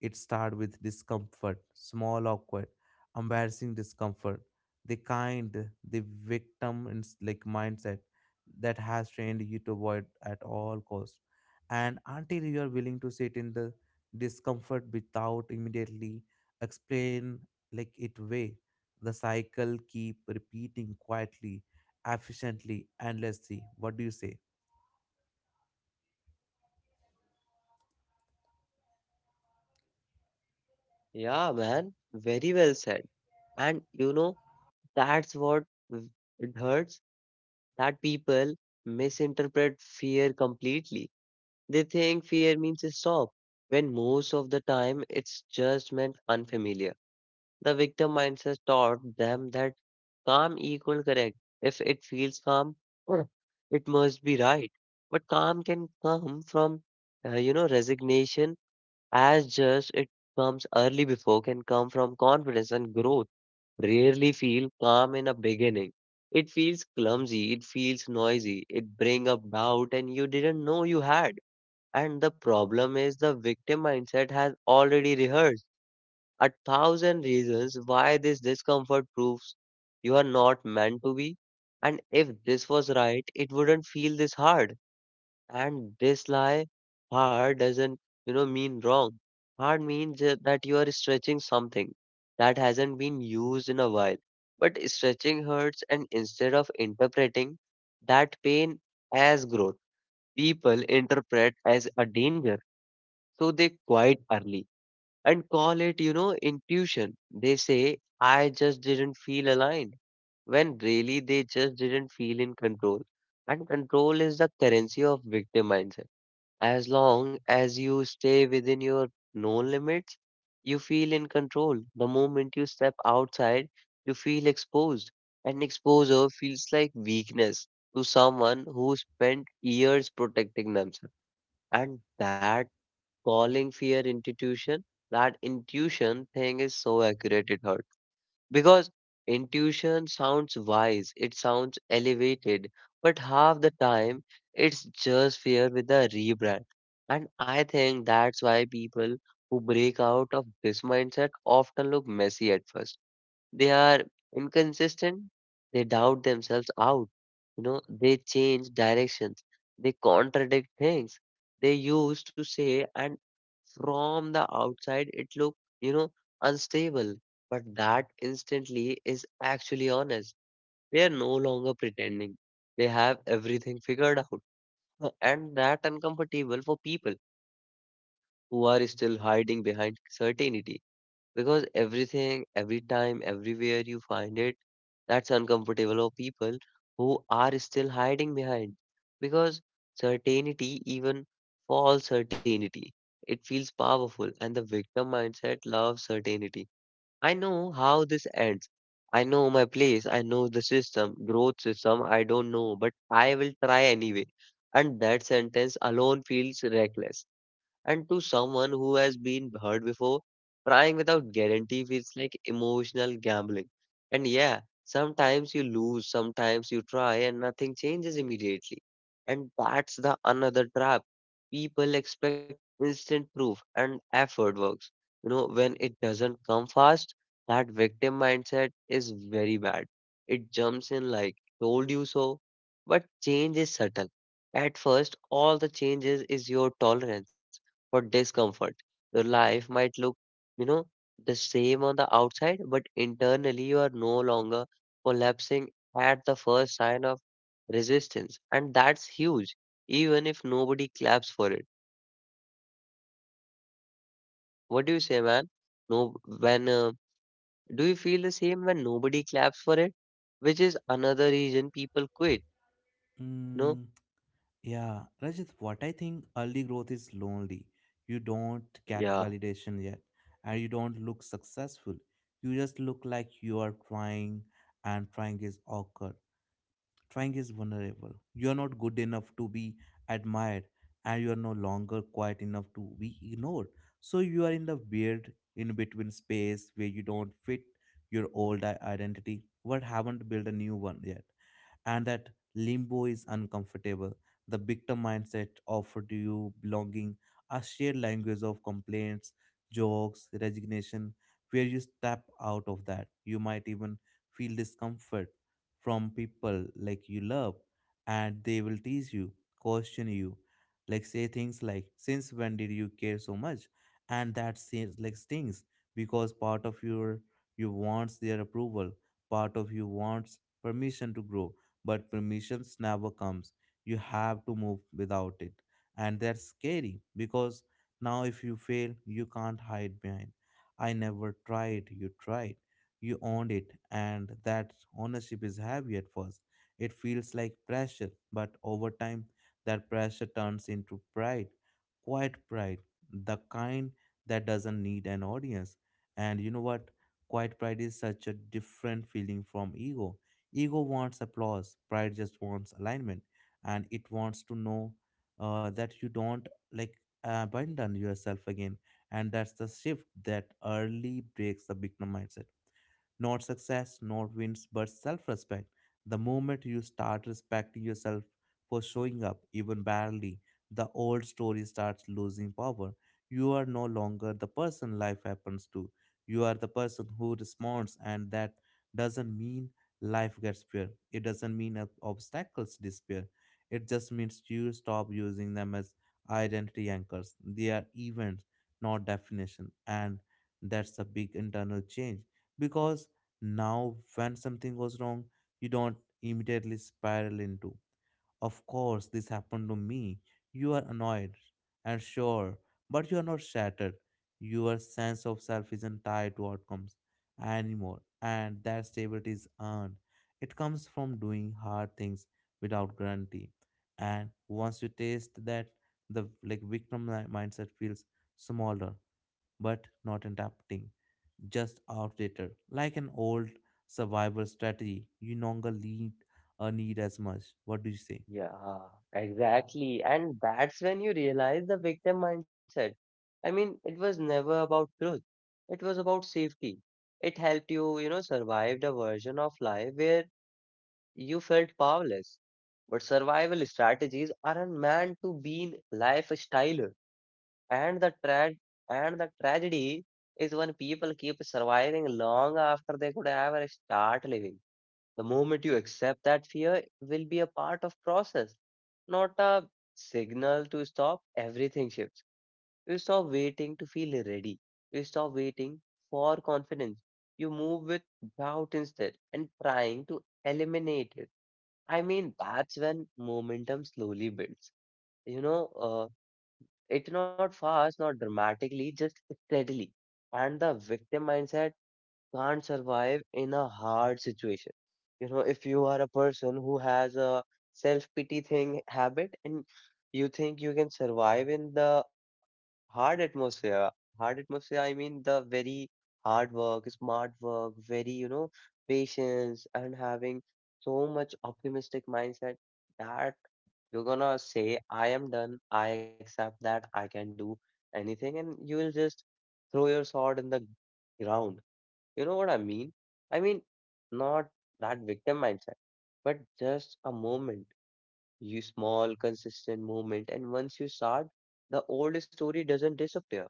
Speaker 2: It starts with discomfort, small, awkward, embarrassing discomfort, the kind, the victim mindset that has trained you to avoid at all costs. And until you are willing to sit in the discomfort without immediately explain like it way, the cycle keep repeating quietly, efficiently, endlessly. What do you say?
Speaker 1: Yeah, man, very well said. And you know, that's what w- it hurts that people misinterpret fear completely. They think fear means stop, when most of the time it's just meant unfamiliar. The victim mindset taught them that calm equal correct. If it feels calm, [clears throat] uh, it must be right. But calm can come from, resignation as just it comes early before can come from confidence and growth rarely feel calm in a beginning. It feels clumsy, it feels noisy, it brings up doubt and you didn't know you had. And the problem is the victim mindset has already rehearsed a thousand reasons why this discomfort proves you are not meant to be. And if this was right, it wouldn't feel this hard. And this lie hard doesn't, mean wrong. Hard means that you are stretching something that hasn't been used in a while. But stretching hurts, and instead of interpreting that pain as growth, people interpret as a danger. So they quite early and call it, intuition. They say, I just didn't feel aligned when really they just didn't feel in control. And control is the currency of victim mindset as long as you stay within your known limits, you feel in control. The moment you step outside, you feel exposed. And exposure feels like weakness to someone who spent years protecting themselves. And that calling fear institution, that intuition thing is so accurate it hurts. Because intuition sounds wise, it sounds elevated, but half the time it's just fear with a rebrand. And I think that's why people who break out of this mindset often look messy at first. They are inconsistent. They doubt themselves out. They change directions. They contradict things they used to say, and from the outside, it look unstable. But that instantly is actually honest. They are no longer pretending. They have everything figured out. [laughs] And that uncomfortable for people who are still hiding behind certainty because everything, every time, everywhere you find it, that's uncomfortable or people who are still hiding behind because certainty, even false certainty, it feels powerful and the victim mindset loves certainty. I know how this ends. I know my place. I know the system, growth system. I don't know, but I will try anyway. And that sentence alone feels reckless. And to someone who has been hurt before, trying without guarantee feels like emotional gambling. And yeah, sometimes you lose, sometimes you try, and nothing changes immediately. And that's the another trap. People expect instant proof and effort works. When it doesn't come fast, that victim mindset is very bad. It jumps in like, told you so. But change is subtle. At first, all the changes is your tolerance for discomfort. Your life might look, you know, the same on the outside, but internally you are no longer collapsing at the first sign of resistance. And that's huge, even if nobody claps for it. What do you say, man? No, when do you feel the same when nobody claps for it? Which is another reason people quit. No?
Speaker 2: Mm, yeah, Rajat, what I think early growth is lonely. You don't
Speaker 1: Yeah.
Speaker 2: get validation yet, and you don't look successful. You just look like you are trying, and trying is awkward. Trying is vulnerable. You are not good enough to be admired, and you are no longer quiet enough to be ignored. So you are in the weird in between space where you don't fit your old identity, but haven't built a new one yet. And that limbo is uncomfortable. The victim mindset offered you belonging, a shared language of complaints, jokes, resignation. Where you step out of that, you might even feel discomfort from people like you love, and they will tease you, question you, like say things like, "Since when did you care so much?" And that seems like stings because part of you wants their approval, part of you wants permission to grow, but permissions never comes. You have to move without it. And that's scary because now if you fail, you can't hide behind. I never tried, you tried. You owned it, and that ownership is heavy at first. It feels like pressure, but over time, that pressure turns into pride, quiet pride, the kind that doesn't need an audience. And you know what? Quiet pride is such a different feeling from ego. Ego wants applause, pride just wants alignment, and it wants to know that you don't like abandon yourself again. And that's the shift that early breaks the victim mindset. Not success, not wins, but self respect. The moment you start respecting yourself for showing up, even barely, the old story starts losing power. You are no longer the person life happens to. You are the person who responds, and that doesn't mean life gets fair. It doesn't mean obstacles disappear. It just means you stop using them as identity anchors. They are events, not definition. And that's a big internal change because now, when something goes wrong, you don't immediately spiral into, of course, this happened to me. You are annoyed and sure, but you are not shattered. Your sense of self isn't tied to outcomes anymore, and that stability is earned. It comes from doing hard things without guarantee. And once you taste that, the like victim mindset feels smaller, but not adapting, just outdated. Like an old survival strategy, you no longer need, need as much. What do you say?
Speaker 1: Yeah, Yeah, exactly. And that's when you realize the victim mindset. It was never about truth. It was about safety. It helped you, survive the version of life where you felt powerless. But survival strategies aren't meant to be lifestyle. And the tragedy is when people keep surviving long after they could ever start living. The moment you accept that fear will be a part of process, not a signal to stop, everything shifts. You stop waiting to feel ready. You stop waiting for confidence. You move with doubt instead and trying to eliminate it. That's when momentum slowly builds. You know, uh. It's not fast, not dramatically, just steadily. And the victim mindset can't survive in a hard situation. You know, if you are a person who has a self-pity thing habit and you think you can survive in the hard atmosphere, hard atmosphere, I mean the very hard work, smart work, patience and having so much optimistic mindset that you're gonna say, I am done, I accept that I can do anything, and you will just throw your sword in the ground, you know what I mean? I mean, not that victim mindset, but just a moment, you small, consistent moment. And once you start, the old story doesn't disappear,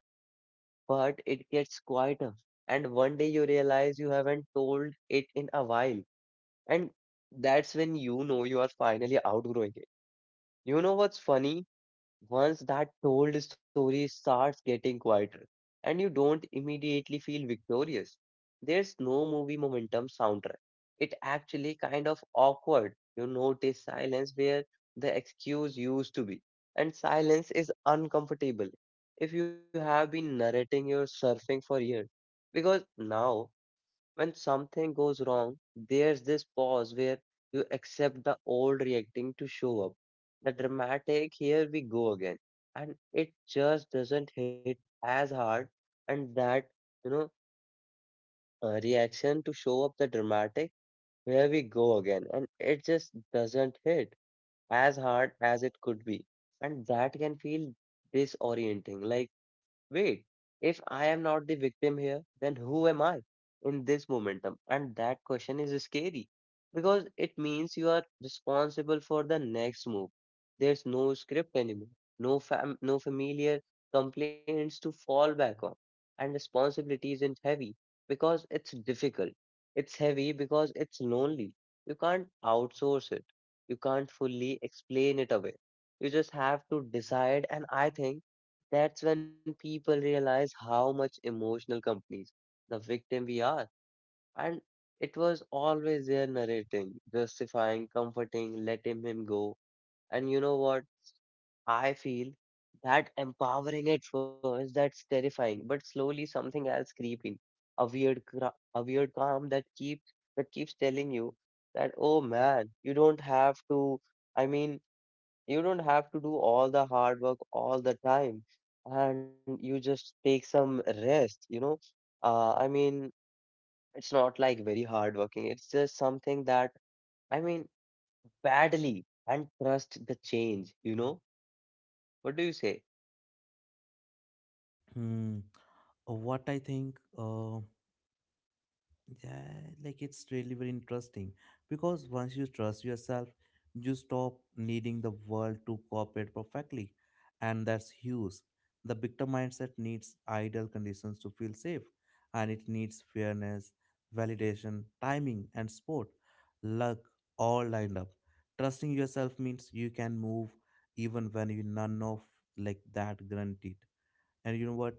Speaker 1: but it gets quieter. And one day you realize you haven't told it in a while. And that's when you know you are finally outgrowing it. You know what's funny? Once that told story starts getting quieter, and you don't immediately feel victorious, there's no movie momentum soundtrack. It actually kind of awkward. You notice silence where the excuse used to be, and silence is uncomfortable if you have been narrating your surfing for years, because now when something goes wrong, there's this pause where you accept the old reacting to show up. The dramatic, here we go again. And it just doesn't hit as hard. And you know, reaction to show up the dramatic, here we go again. And it just doesn't hit as hard as it could be. And that can feel disorienting. Like, wait, if I am not the victim here, then who am I in this momentum? And that question is scary because it means you are responsible for the next move. There's no script anymore, no familiar complaints to fall back on. And responsibility isn't heavy because it's difficult. It's heavy because it's lonely. You can't outsource it, you can't fully explain it away. You just have to decide. And I think that's when people realize how much emotional companies, the victim we are. And it was always there narrating, justifying, comforting, letting him go. And you know what? I feel that empowering at first, that's terrifying, but slowly something else creeping. A weird calm that keeps telling you that, oh man, you don't have to. I mean, you don't have to do all the hard work all the time, and you just take some rest, you know. Uh, I mean, it's not like very hard working. It's just something that, I mean, badly and trust the change, you know. What do you say?
Speaker 2: Hmm. What I think. Yeah, like it's really very interesting because once you trust yourself, you stop needing the world to cooperate perfectly, and that's huge. The victim mindset needs ideal conditions to feel safe, and it needs fairness, validation, timing, and support. Luck all lined up. Trusting yourself means you can move even when you none of like that guaranteed. And you know what,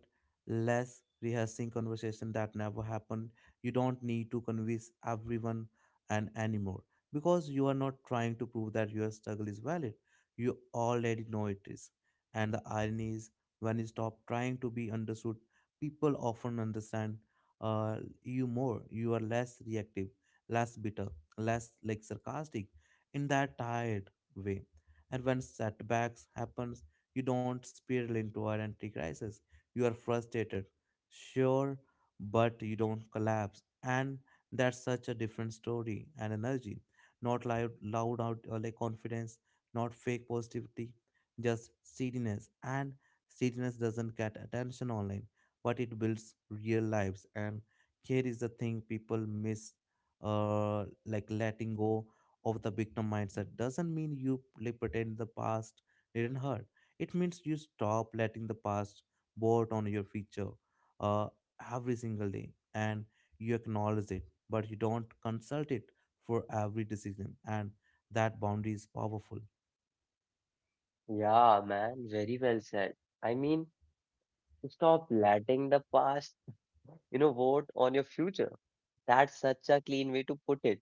Speaker 2: less rehearsing conversation that never happened. You don't need to convince everyone and anymore, because you are not trying to prove that your struggle is valid, you already know it is. And the irony is, when you stop trying to be understood, people often understand uh, you more. You are less reactive, less bitter, less like sarcastic in that tired way. And when setbacks happens, you don't spiral into identity crisis. You are frustrated, sure, but you don't collapse. And that's such a different story and energy. Not loud, loud out like confidence, not fake positivity, just steadiness. And steadiness doesn't get attention online, but it builds real lives. And here is the thing people miss, like letting go of the victim mindset doesn't mean you like, pretend the past didn't hurt. It means you stop letting the past bought on your feature uh, every single day. And you acknowledge it, but you don't consult it for every decision, and that boundary is powerful.
Speaker 1: Yeah, man, very well said. I mean, stop letting the past, you know, vote on your future. That's such a clean way to put it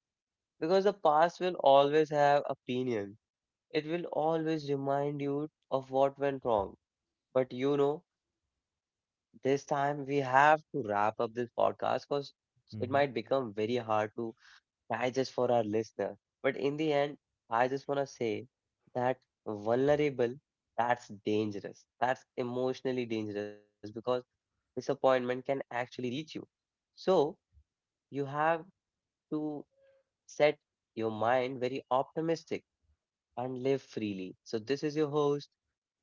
Speaker 1: because the past will always have opinions. It will always remind you of what went wrong. But you know, this time we have to wrap up this podcast because it
Speaker 2: Hmm.
Speaker 1: might become very hard to digest for our listener. But in the end, I just want to say that vulnerable, that's dangerous. That's emotionally dangerous because disappointment can actually reach you. So you have to set your mind very optimistic and live freely. So, this is your host.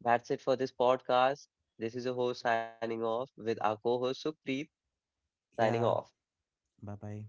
Speaker 1: That's it for this podcast. This is your host signing off with our co host Sukhpreet signing
Speaker 2: Yeah.
Speaker 1: off.
Speaker 2: Bye bye.